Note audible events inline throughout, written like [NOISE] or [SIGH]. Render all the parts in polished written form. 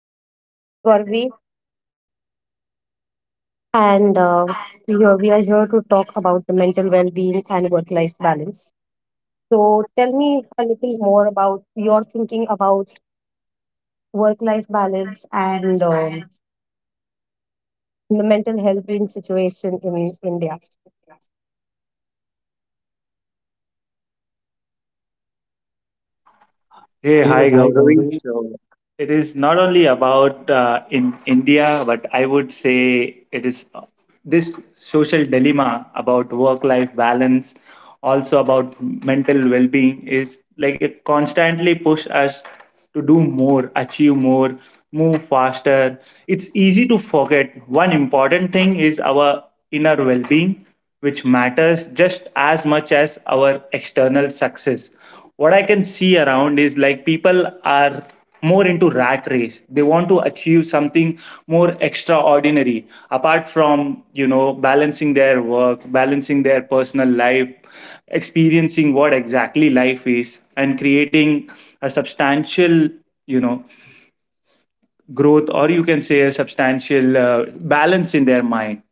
Suraj. This is Gauri, and here we are here to talk about the mental well-being and work-life balance. So, tell me a little more about your thinking about work-life balance and the mental health in situation in India. Hey, Hey, hi hi Gauravi. Gaurav. So it is not only about in India, but I would say it is this social dilemma about work-life balance, also about mental well-being, is like it constantly push us to do more, achieve more, move faster. It's easy to forget one important thing is our inner well-being, which matters just as much as our external success. What I can see around is like people are more into rat race. They want to achieve something more extraordinary, apart from balancing their work, balancing their personal life, experiencing what exactly life is, and creating a substantial you know growth, or you can say a substantial balance in their mind.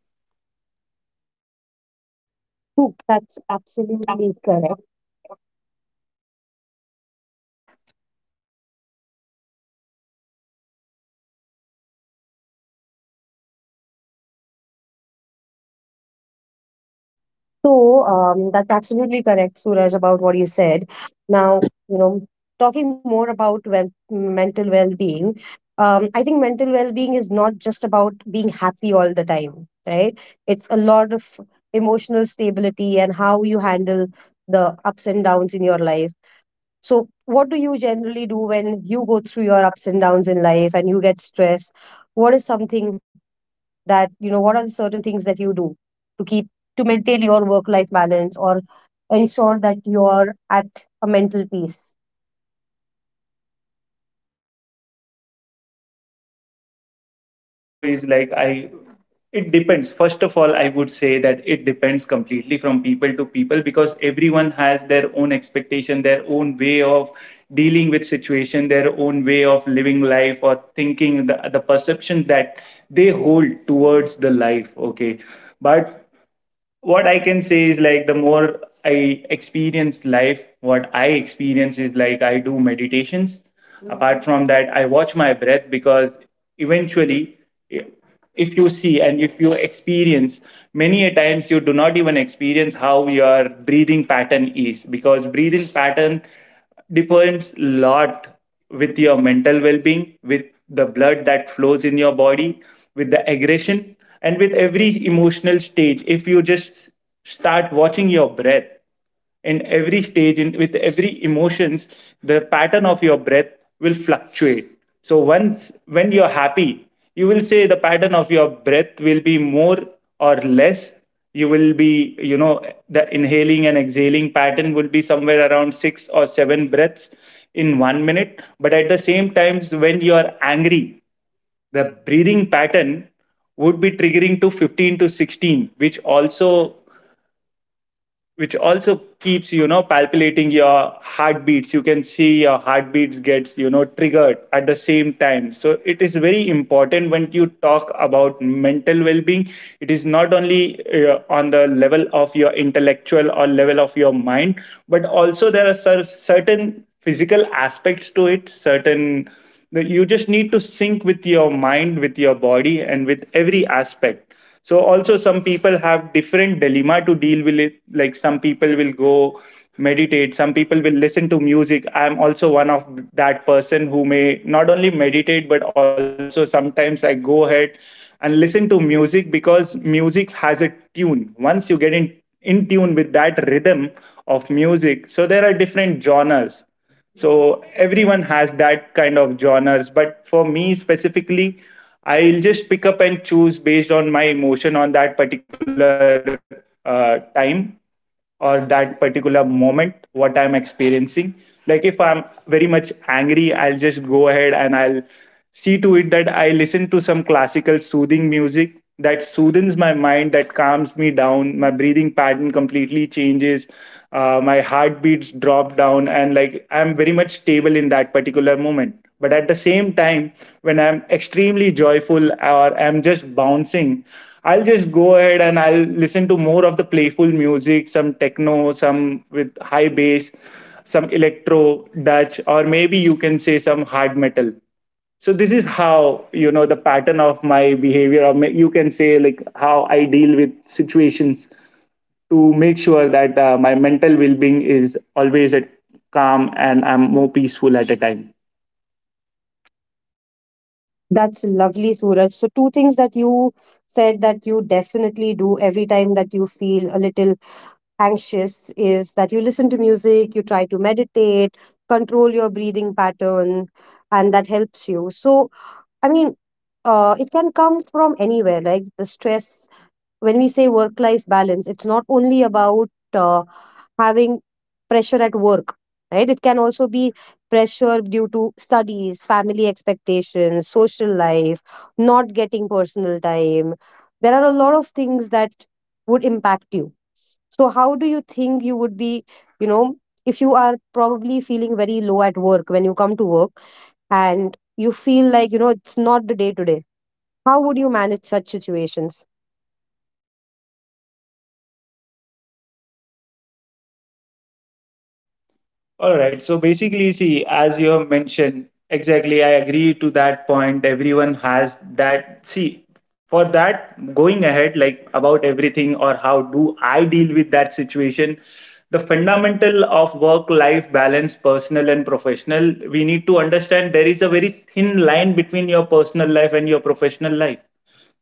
That's absolutely correct. That's absolutely correct, Suraj, about what you said. Now, you know, talking more about well, mental well-being, I think mental well-being is not just about being happy all the time, right? It's a lot of emotional stability and how you handle the ups and downs in your life. So, what do you generally do when you go through your ups and downs in life and you get stressed? What is something that, you know, what are the certain things that you do to keep, to maintain your work life balance or ensure that you're at a mental peace? What exactly I do is like I it depends. First of all I would say that it depends completely from people to people, because everyone has their own expectation, their own way of dealing with situation, their own way of living life, or thinking the perception that they hold towards the life. Okay, but what I can say is like, the more I experience life, what I experience is like I do meditations. Apart from that, I watch my breath because eventually, i- if you see and if you experience, many a times you do not even experience how your breathing pattern is, because breathing pattern depends lot with your mental well being, with the blood that flows in your body, with the aggression, and with every emotional stage. If you just start watching your breath in every stage, with every emotions, the pattern of your breath will fluctuate. So once when you're happy, you will say the pattern of your breath will be more or less. You will be, the inhaling and exhaling pattern will be somewhere around 6 or 7 breaths in 1 minute. But at the same times when you are angry, the breathing pattern would be triggering to 15 to 16, which also keeps palpitating your heartbeats. You can see your heartbeats gets triggered at the same time. So it is very important when you talk about mental well-being, it is not only on the level of your intellectual or level of your mind, but also there are certain physical aspects to it, certain that you just need to sync with your mind, with your body, and with every aspect. So also, some people have different dilemma to deal with it. Like some people will go meditate, some people will listen to music. I'm also one of that person who may not only meditate, but also sometimes I go ahead and listen to music, because music has a tune. Once you get in tune with that rhythm of music, so there are different genres, so everyone has that kind of genres. But for me specifically, I'll just pick up and choose based on my emotion on that particular time, or that particular moment what I'm experiencing. Like if I'm very much angry, I'll just go ahead and I'll see to it that I listen to some classical soothing music that soothes my mind, that calms me down. My breathing pattern completely changes. My heartbeats drop down, and like I'm very much stable in that particular moment. But at the same time, when I'm extremely joyful or I'm just bouncing, I'll just go ahead and I'll listen to more of the playful music, some techno, some with high bass, some electro, Dutch, or maybe you can say some hard metal. So this is how the pattern of my behavior, or you can say like how I deal with situations, to make sure that my mental well-being is always at calm and I'm more peaceful at a time. That's lovely, Suraj. So, two things that you said that you definitely do every time that you feel a little anxious is that you listen to music, you try to meditate, control your breathing pattern, and that helps you. So, I mean, it can come from anywhere, like the stress. When we say work life balance, it's not only about having pressure at work, right? It can also be pressure due to studies, family expectations, social life, not getting personal time. There are a lot of things that would impact you. So, how do you think you would be, you know, if you are probably feeling very low at work when you come to work? And you feel like, you know, it's not the day to day. How would you manage such situations? All right. So basically, see, as you have mentioned, exactly, I agree to that point. Everyone has that. See, for that, going ahead, like about everything or how do I deal with that situation, the fundamental of work life balance, personal and professional, we need to understand there is a very thin line between your personal life and your professional life.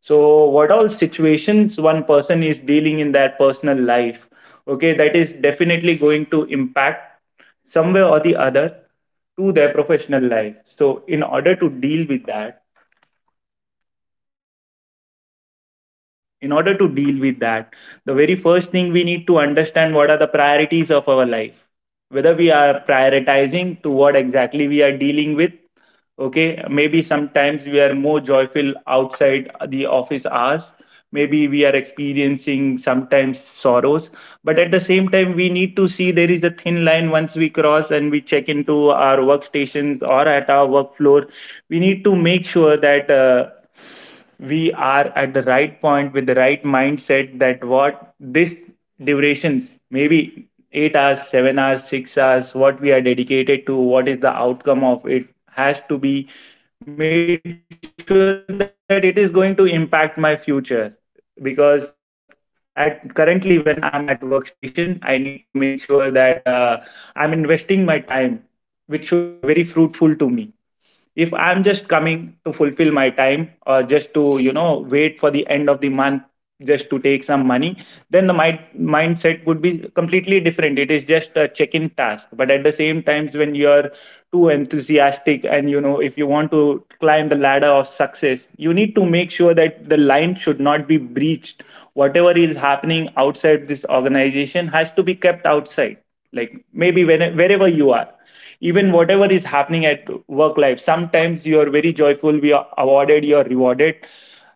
So, what all situations one person is dealing in their personal life, okay, that is definitely going to impact somewhere or the other to their professional life. So, in order to deal with that, in order to deal with that the very first thing we need to understand what are the priorities of our life, whether we are prioritizing to what exactly we are dealing with. Okay, maybe sometimes we are more joyful outside the office hours, maybe we are experiencing sometimes sorrows, but at the same time we need to see there is a thin line. Once we cross and we check into our workstations or at our work floor, we need to make sure that we are at the right point with the right mindset, that what this durations maybe 8 hours 7 hours 6 hours, what we are dedicated to, what is the outcome of it, has to be made sure that it is going to impact my future. Because at currently when I'm at workstation, I need to make sure that I'm investing my time, which should be very fruitful to me. If I'm just coming to fulfill my time, or just to wait for the end of the month, just to take some money, then the mindset would be completely different. It is just a check-in task. But at the same times when you're too enthusiastic, and if you want to climb the ladder of success, you need to make sure that the line should not be breached. Whatever is happening outside this organization has to be kept outside. Like maybe wherever you are, even whatever is happening at work life, sometimes you are very joyful, we are awarded, you are rewarded,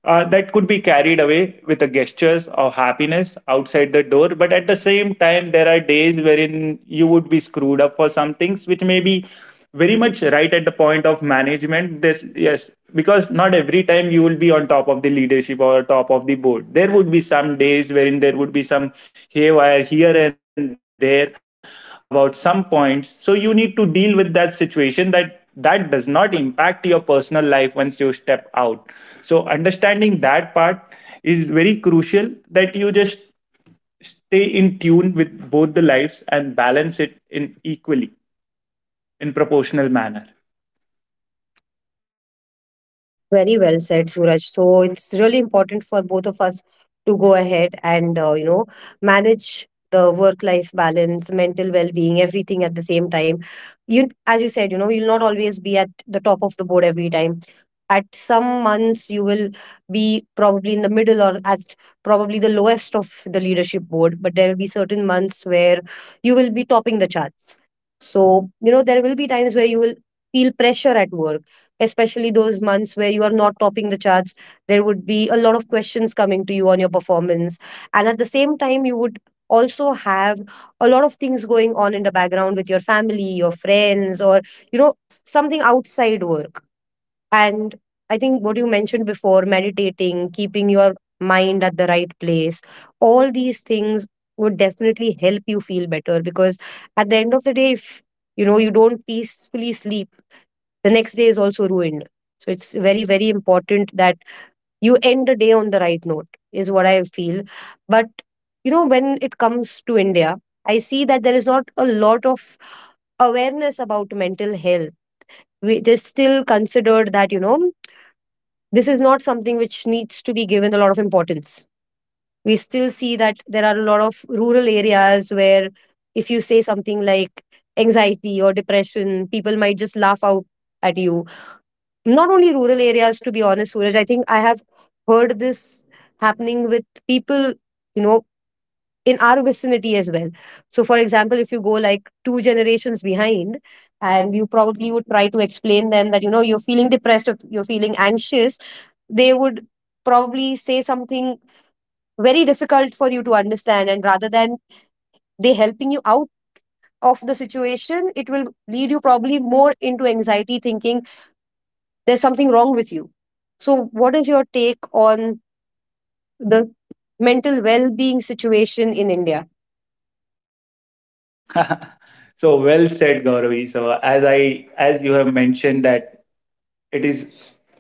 that could be carried away with the gestures of happiness outside the door. But at the same time, there are days wherein you would be screwed up for some things which may be very much right at the point of management. This, yes, because not every time you will be on top of the leadership or top of the board. There would be some days wherein there would be some haywire here and there about some points. So you need to deal with that situation that that does not impact your personal life once you step out. So understanding that part is very crucial, that you just stay in tune with both the lives and balance it in equally, in proportional manner. Very well said, Suraj. So it's really important for both of us to go ahead and you know manage the work-life balance, mental well-being, everything at the same time. You, as you said, you know, you'll not always be at the top of the board every time. At some months, you will be probably in the middle or at probably the lowest of the leadership board, but there will be certain months where you will be topping the charts. So, you know, there will be times where you will feel pressure at work, especially those months where you are not topping the charts. There would be a lot of questions coming to you on your performance, and at the same time you would also have a lot of things going on in the background with your family, your friends, or you know, something outside work. And I think what you mentioned before, meditating, keeping your mind at the right place, all these things would definitely help you feel better, because at the end of the day if you know you don't peacefully sleep, the next day is also ruined. So it's very very important that you end the day on the right note is what I feel. But, you know, when it comes to India, I see that there is not a lot of awareness about mental health. It is still considered that, you know, this is not something which needs to be given a lot of importance. We still see that there are a lot of rural areas where if you say something like anxiety or depression, people might just laugh out at you. Not only rural areas, to be honest, Suraj, I think I have heard this happening with people, you know, in our vicinity as well. So for example, if you go like two generations behind and you probably would try to explain them that, you know, you're feeling depressed or you're feeling anxious, they would probably say something very difficult for you to understand, and rather than they helping you out of the situation, it will lead you probably more into anxiety, thinking there's something wrong with you. So, what is your take on the mental well being situation in India? [LAUGHS] [LAUGHS] So well said, Gauravi. So as you have mentioned that it is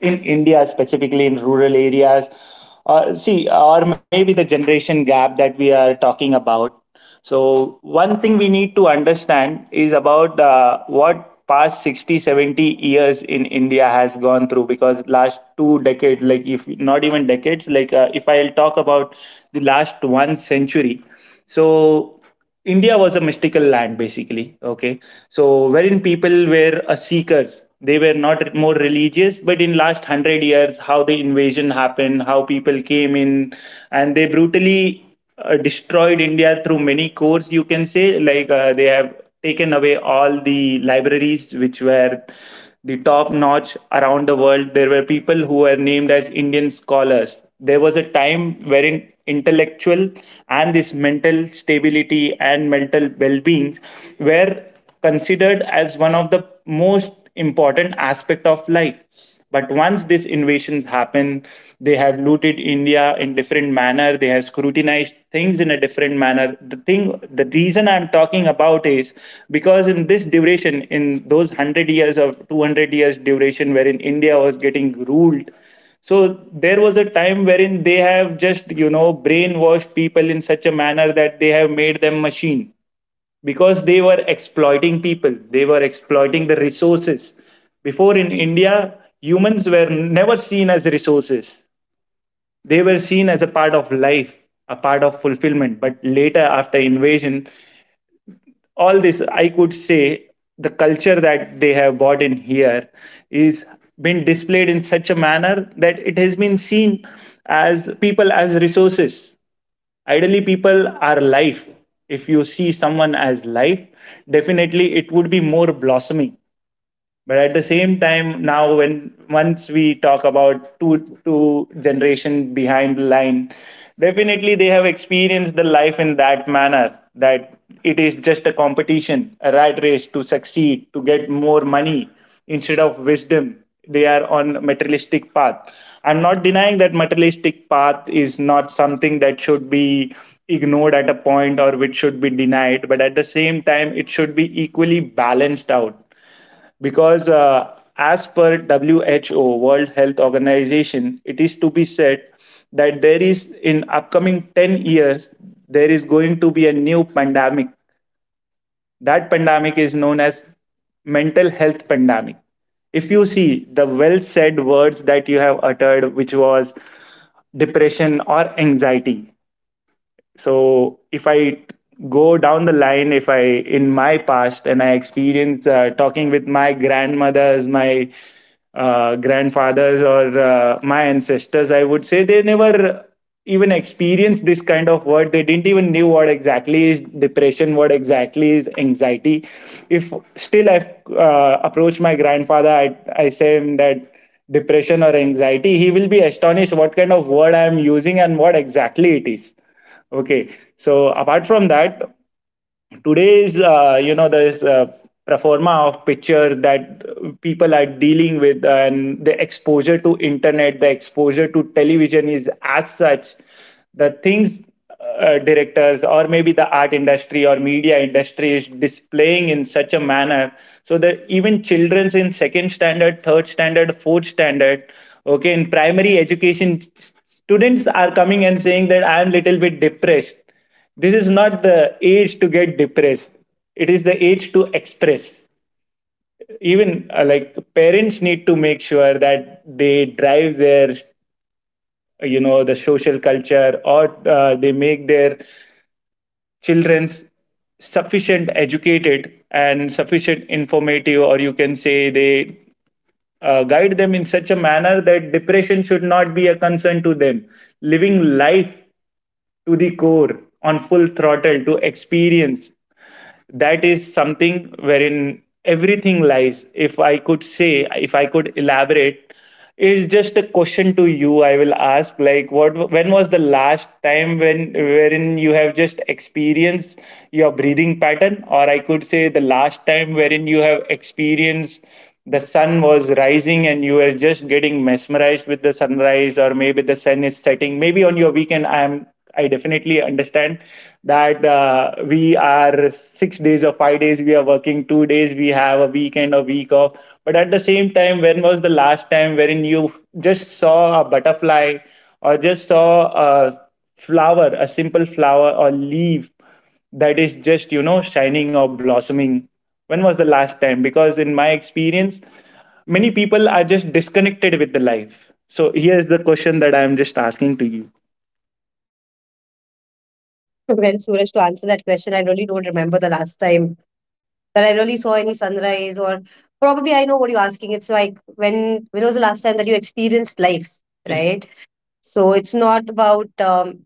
in India, specifically in rural areas, or see, or maybe the generation gap that we are talking about. So one thing we need to understand is about what past 60, 70 years in India has gone through, because last 2 decades, like if not even decades, like if I'll talk about the last one century. So India was a mystical land, basically. Okay, so wherein people were seekers. They were not more religious, but in last 100 years, how the invasion happened, how people came in, and they brutally destroyed India through many cores. You can say like they have taken away all the libraries which were the top notch around the world. There were people who were named as Indian scholars. There was a time wherein intellectual and this mental stability and mental well being were considered as one of the most important aspect of life. But once these invasions happen, they have looted India in different manner. They have scrutinized things in a different manner. The reason I'm talking about is because in this duration, in those 100 years of 200 years duration, wherein India was getting ruled, so there was a time wherein they have just brainwashed people in such a manner that they have made them machine, because they were exploiting people, they were exploiting the resources. Before in India, humans were never seen as resources. They were seen as a part of life, a part of fulfillment. But later after invasion, all this I could say, the culture that they have brought in here is been displayed in such a manner that it has been seen as people as resources. Ideally, people are life. If you see someone as life, definitely it would be more blossoming. But at the same time, now when once we talk about two generation behind the line, definitely they have experienced the life in that manner, that it is just a competition, a rat race to succeed, to get more money instead of wisdom. They are on materialistic path. I'm not denying that materialistic path is not something that should be ignored at a point or which should be denied, but at the same time it should be equally balanced out. Because as per who world health organization, it is to be said that there is in upcoming 10 years there is going to be a new pandemic. That pandemic is known as mental health pandemic. If you see the well said words that you have uttered, which was depression or anxiety. So if I go down the line if I in my past and I experience talking with my grandmothers, my grandfathers or my ancestors, I would say they never even experienced this kind of word. They didn't even knew what exactly is depression, what exactly is anxiety. If still i approach my grandfather, I say him that depression or anxiety, he will be astonished what kind of word I am using and what exactly it is. Okay. So apart from that, today's there's a performa of picture that people are dealing with, and the exposure to internet, the exposure to television is as such. The things directors or maybe the art industry or media industry is displaying in such a manner, so that even children's in second standard, third standard, fourth standard, okay, in primary education, students are coming and saying that I am little bit depressed. This is not the age to get depressed. It is the age to express. Even like parents need to make sure that they drive their, the social culture, or they make their children's sufficient educated and sufficient informative, or you can say they guide them in such a manner that depression should not be a concern to them. Living life to the core on full throttle to experience, that is something wherein everything lies. If I could say, if I could elaborate, it's just a question to you. I will ask, like, what, when was the last time, when wherein you have just experienced your breathing pattern, or I could say, the last time wherein you have experienced the sun was rising and you were just getting mesmerized with the sunrise, or maybe the sun is setting, maybe on your weekend. I am, I definitely understand that we are six days or five days, we are working two days, we have a weekend or week off. But at the same time, when was the last time wherein you just saw a butterfly, or just saw a flower, a simple flower or leaf that is just, shining or blossoming? When was the last time? Because in my experience, many people are just disconnected with the life. So here's the question that I'm just asking to you. Well, Suraj, to answer that question, I really don't remember the last time that I really saw any sunrise, or probably I know what you're asking. It's like when was the last time that you experienced life, right? So it's not about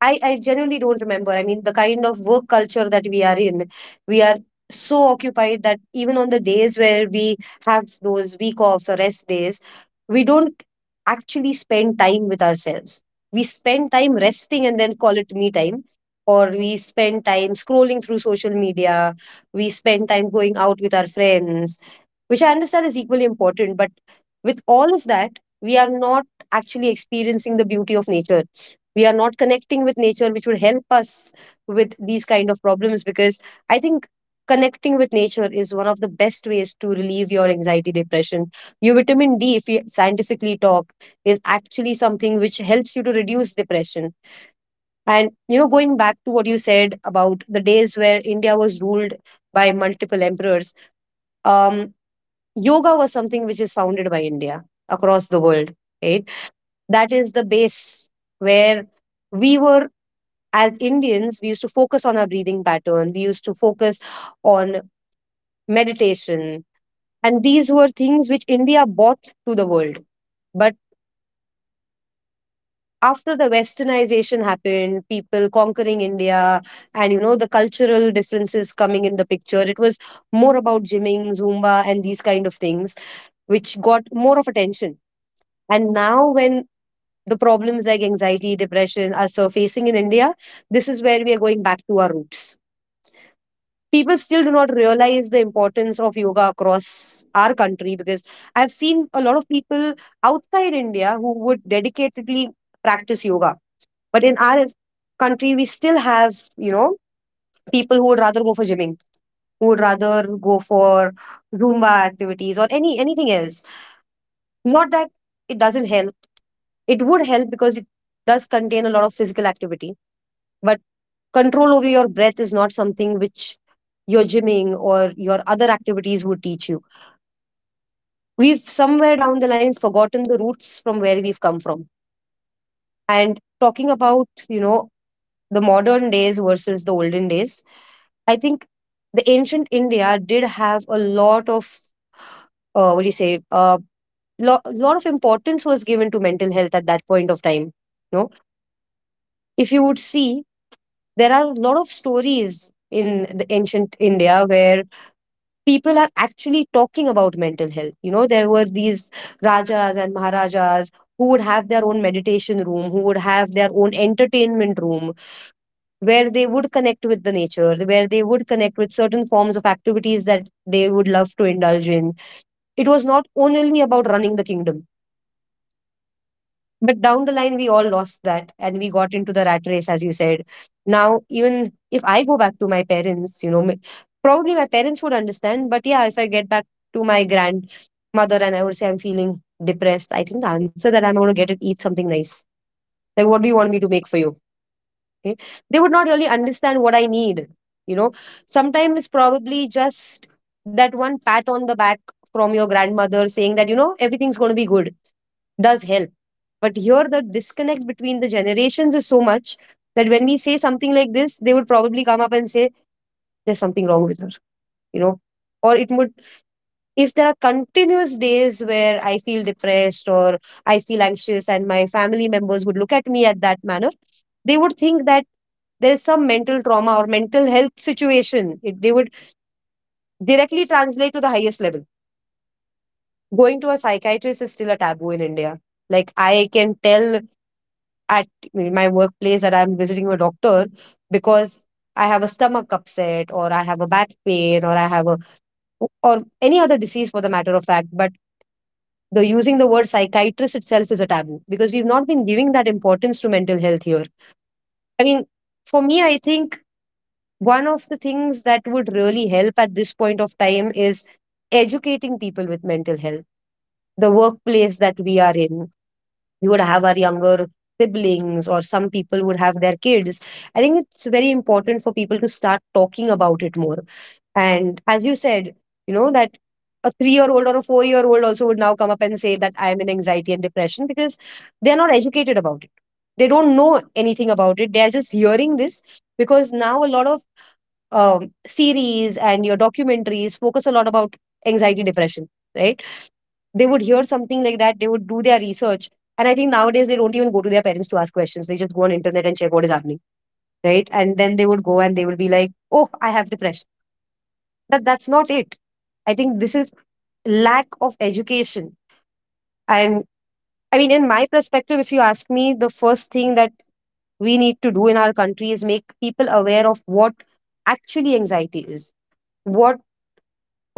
I genuinely don't remember. I mean, the kind of work culture that we are in, we are so occupied that even on the days where we have those week offs or rest days, we don't actually spend time with ourselves. We spend time resting and then call it me time, or we spend time scrolling through social media, we spend time going out with our friends, which I understand is equally important. But with all of that, we are not actually experiencing the beauty of nature. We are not connecting with nature, which would help us with these kind of problems. Because I think connecting with nature is one of the best ways to relieve your anxiety, depression. Your vitamin D, if we scientifically talk, is actually something which helps you to reduce depression. And you know, going back to what you said about the days where India was ruled by multiple emperors, um, yoga was something which is founded by India across the world, right? That is the base where we were. As Indians we used to focus on our breathing pattern, we used to focus on meditation, and these were things which India brought to the world. But after the westernization happened, people conquering India, and you know, the cultural differences coming in the picture, it was more about gymming, Zumba, and these kind of things which got more of attention. And now when the problems like anxiety, depression are surfacing in India, this is where we are going back to our roots. People still do not realize the importance of yoga across our country, because I've seen a lot of people outside India who would dedicatedly practice yoga. But in our country, we still have, you know, people who would rather go for gymming, who would rather go for Zumba activities or any anything else. Not that it doesn't help. It would help because it does contain a lot of physical activity. But control over your breath is not something which your gymming or your other activities would teach you. We've somewhere down the line forgotten the roots from where we've come from. And talking about, you know, the modern days versus the olden days, I think the ancient India did have a lot of what do you say? A lot of importance was given to mental health at that point of time. You know, if you would see, there are a lot of stories in the ancient India where people are actually talking about mental health. You know, there were these rajas and maharajas who would have their own meditation room, who would have their own entertainment room, where they would connect with the nature, where they would connect with certain forms of activities that they would love to indulge in. It was not only about running the kingdom, but down the line, we all lost that and we got into the rat race, as you said. Now, even if I go back to my parents, you know, probably my parents would understand. But yeah, if I get back to my grandmother and I would say I'm feeling depressed, I think the answer that I'm going to get is eat something nice. Like, what do you want me to make for you? Okay, they would not really understand what I need, you know. Sometimes it's probably just that one pat on the back from your grandmother saying that you know everything's going to be good does help. But here the disconnect between the generations is so much that when we say something like this, they would probably come up and say there's something wrong with her, you know. Or it would, if there are continuous days where I feel depressed or I feel anxious, and my family members would look at me at that manner, they would think that there is some mental trauma or mental health situation. They would directly translate to the highest level. Going to a psychiatrist is still a taboo in India. Like, I can tell at my workplace that I'm visiting a doctor because I have a stomach upset or I have a back pain or I have or any other disease for the matter of fact. But the using the word psychiatrist itself is a taboo because we've not been giving that importance to mental health here. I mean, for me, I think one of the things that would really help at this point of time is educating people with mental health. The workplace that we are in, we would have our younger siblings or some people would have their kids. I think it's very important for people to start talking about it more. And as you said, you know that a 3-year-old or a 4-year-old also would now come up and say that I am in anxiety and depression because they are not educated about it. They don't know anything about it, they are just hearing this, because now a lot of series and your documentaries focus a lot about anxiety, depression, right? They would hear something like that, they would do their research, and I think nowadays they don't even go to their parents to ask questions, they just go on internet and check what is happening, right? And then they would go and they would be like, oh, I have depression. But that's not it. I think this is lack of education. And I mean, in my perspective, if you ask me, the first thing that we need to do in our country is make people aware of what actually anxiety is, what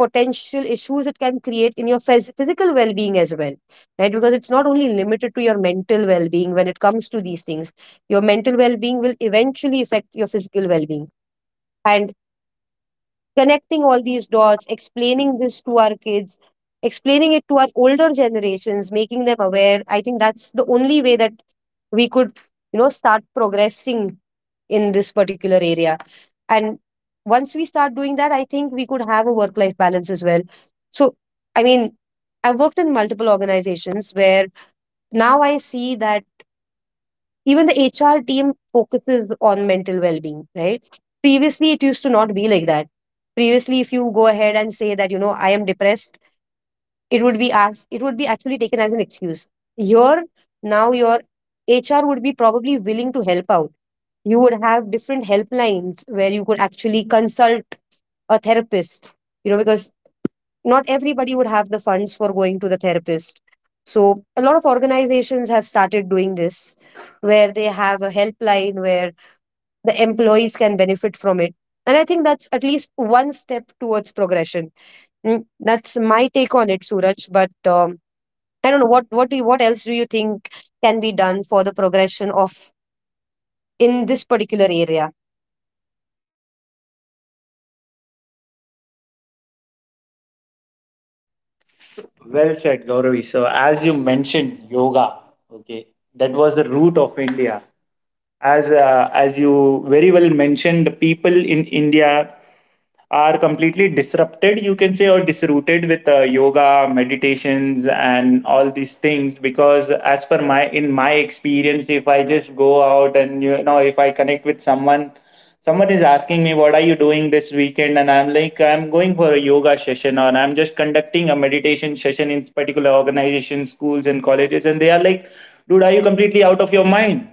potential issues it can create in your physical well-being as well, right? Because it's not only limited to your mental well-being when it comes to these things. Your mental well-being will eventually affect your physical well-being. And connecting all these dots, explaining this to our kids, explaining it to our older generations, making them aware. I think that's the only way that we could, you know, start progressing in this particular area. And once we start doing that, I think we could have a work life balance as well. So, I mean, I've worked in multiple organizations where now I see that even the HR team focuses on mental well being, right? Previously, it used to not be like that. Previously, if you go ahead and say that, you know, I am depressed, it would be as it would be actually taken as an excuse. Your your HR would be probably willing to help out. You would have different helplines where you could actually consult a therapist, you know, because not everybody would have the funds for going to the therapist. So, a lot of organizations have started doing this where they have a helpline where the employees can benefit from it. And I think that's at least one step towards progression. That's my take on it, Suraj. But I don't know what do you, what else do you think can be done for the progression of in this particular area. Well said, Gauravi. So, as you mentioned, yoga, okay, that was the root of India. As as you very well mentioned, people in india are completely disrupted, you can say, or disrooted with yoga, meditations and all these things. Because as per my experience, if I just go out and, if I connect with someone, someone is asking me, what are you doing this weekend? And I'm like, I'm going for a yoga session, or I'm just conducting a meditation session in particular organizations, schools and colleges. And they are like, dude, are you completely out of your mind?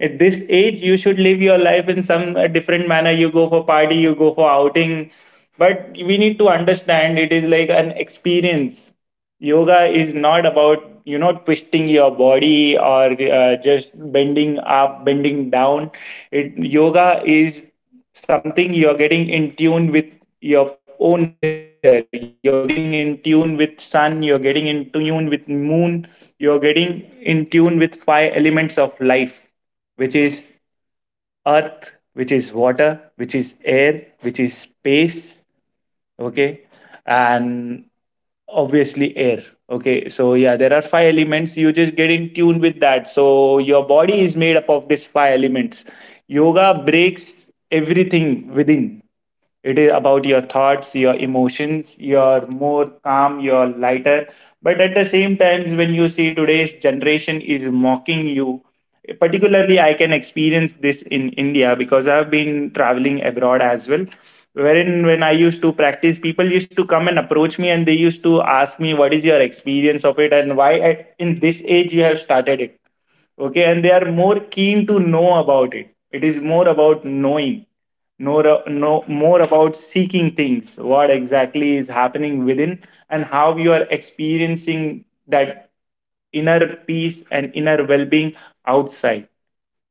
At this age you should live your life in some different manner. You go for party, you go for outing. But we need to understand it is like an experience. Yoga is not about, twisting your body or just bending up, bending down. It yoga is something you're getting in tune with. Your own nature, you're getting in tune with sun, you're getting in tune with moon, you're getting in tune with five elements of life, which is earth, which is water, which is air, which is space. Okay. And obviously air. Okay, so yeah, there are five elements, you just get in tune with that. So your body is made up of these five elements. Yoga breaks everything within. It is about your thoughts, your emotions, you're more calm, you're lighter. But at the same times, when you see today's generation is mocking you, particularly I can experience this in India, because I've been traveling abroad as well. Wherein when I used to practice, people used to come and approach me and they used to ask me, what is your experience of it? And why at, in this age you have started it? Okay, and they are more keen to know about it. It is more about knowing, know, know more about seeking things, what exactly is happening within and how you are experiencing that inner peace and inner well-being outside.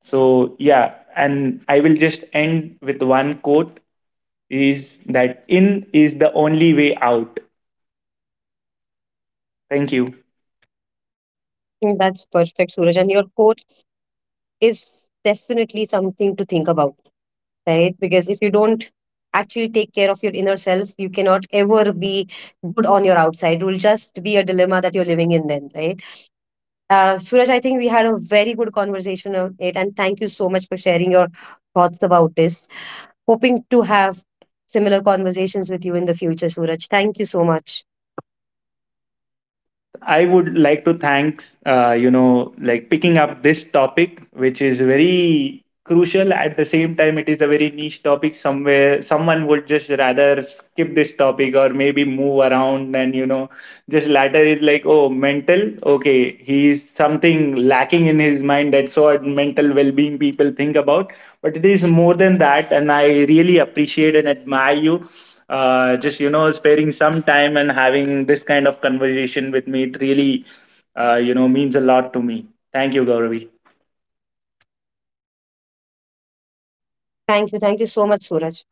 So yeah, and I will just end with one quote, is that in is the only way out. Thank you. That's perfect, Suraj. And your quote is definitely something to think about, right? Because if you don't actually take care of your inner self, you cannot ever be good on your outside. It will just be a dilemma that you're living in then, right? Suraj, I think we had a very good conversation on it, and thank you so much for sharing your thoughts about this. Hoping to have similar conversations with you in the future, Suraj. Thank you so much. I would like to thanks, like, picking up this topic, which is very crucial. At the same time, it is a very niche topic. Somewhere, someone would just rather skip this topic or maybe move around, and just latter is like, oh, mental. Okay, he's something lacking in his mind. That's what mental well-being people think about. But it is more than that, and I really appreciate and admire you just sparing some time and having this kind of conversation with me. It really, means a lot to me. Thank you, gauravi. Thank you. Thank you so much, Suraj.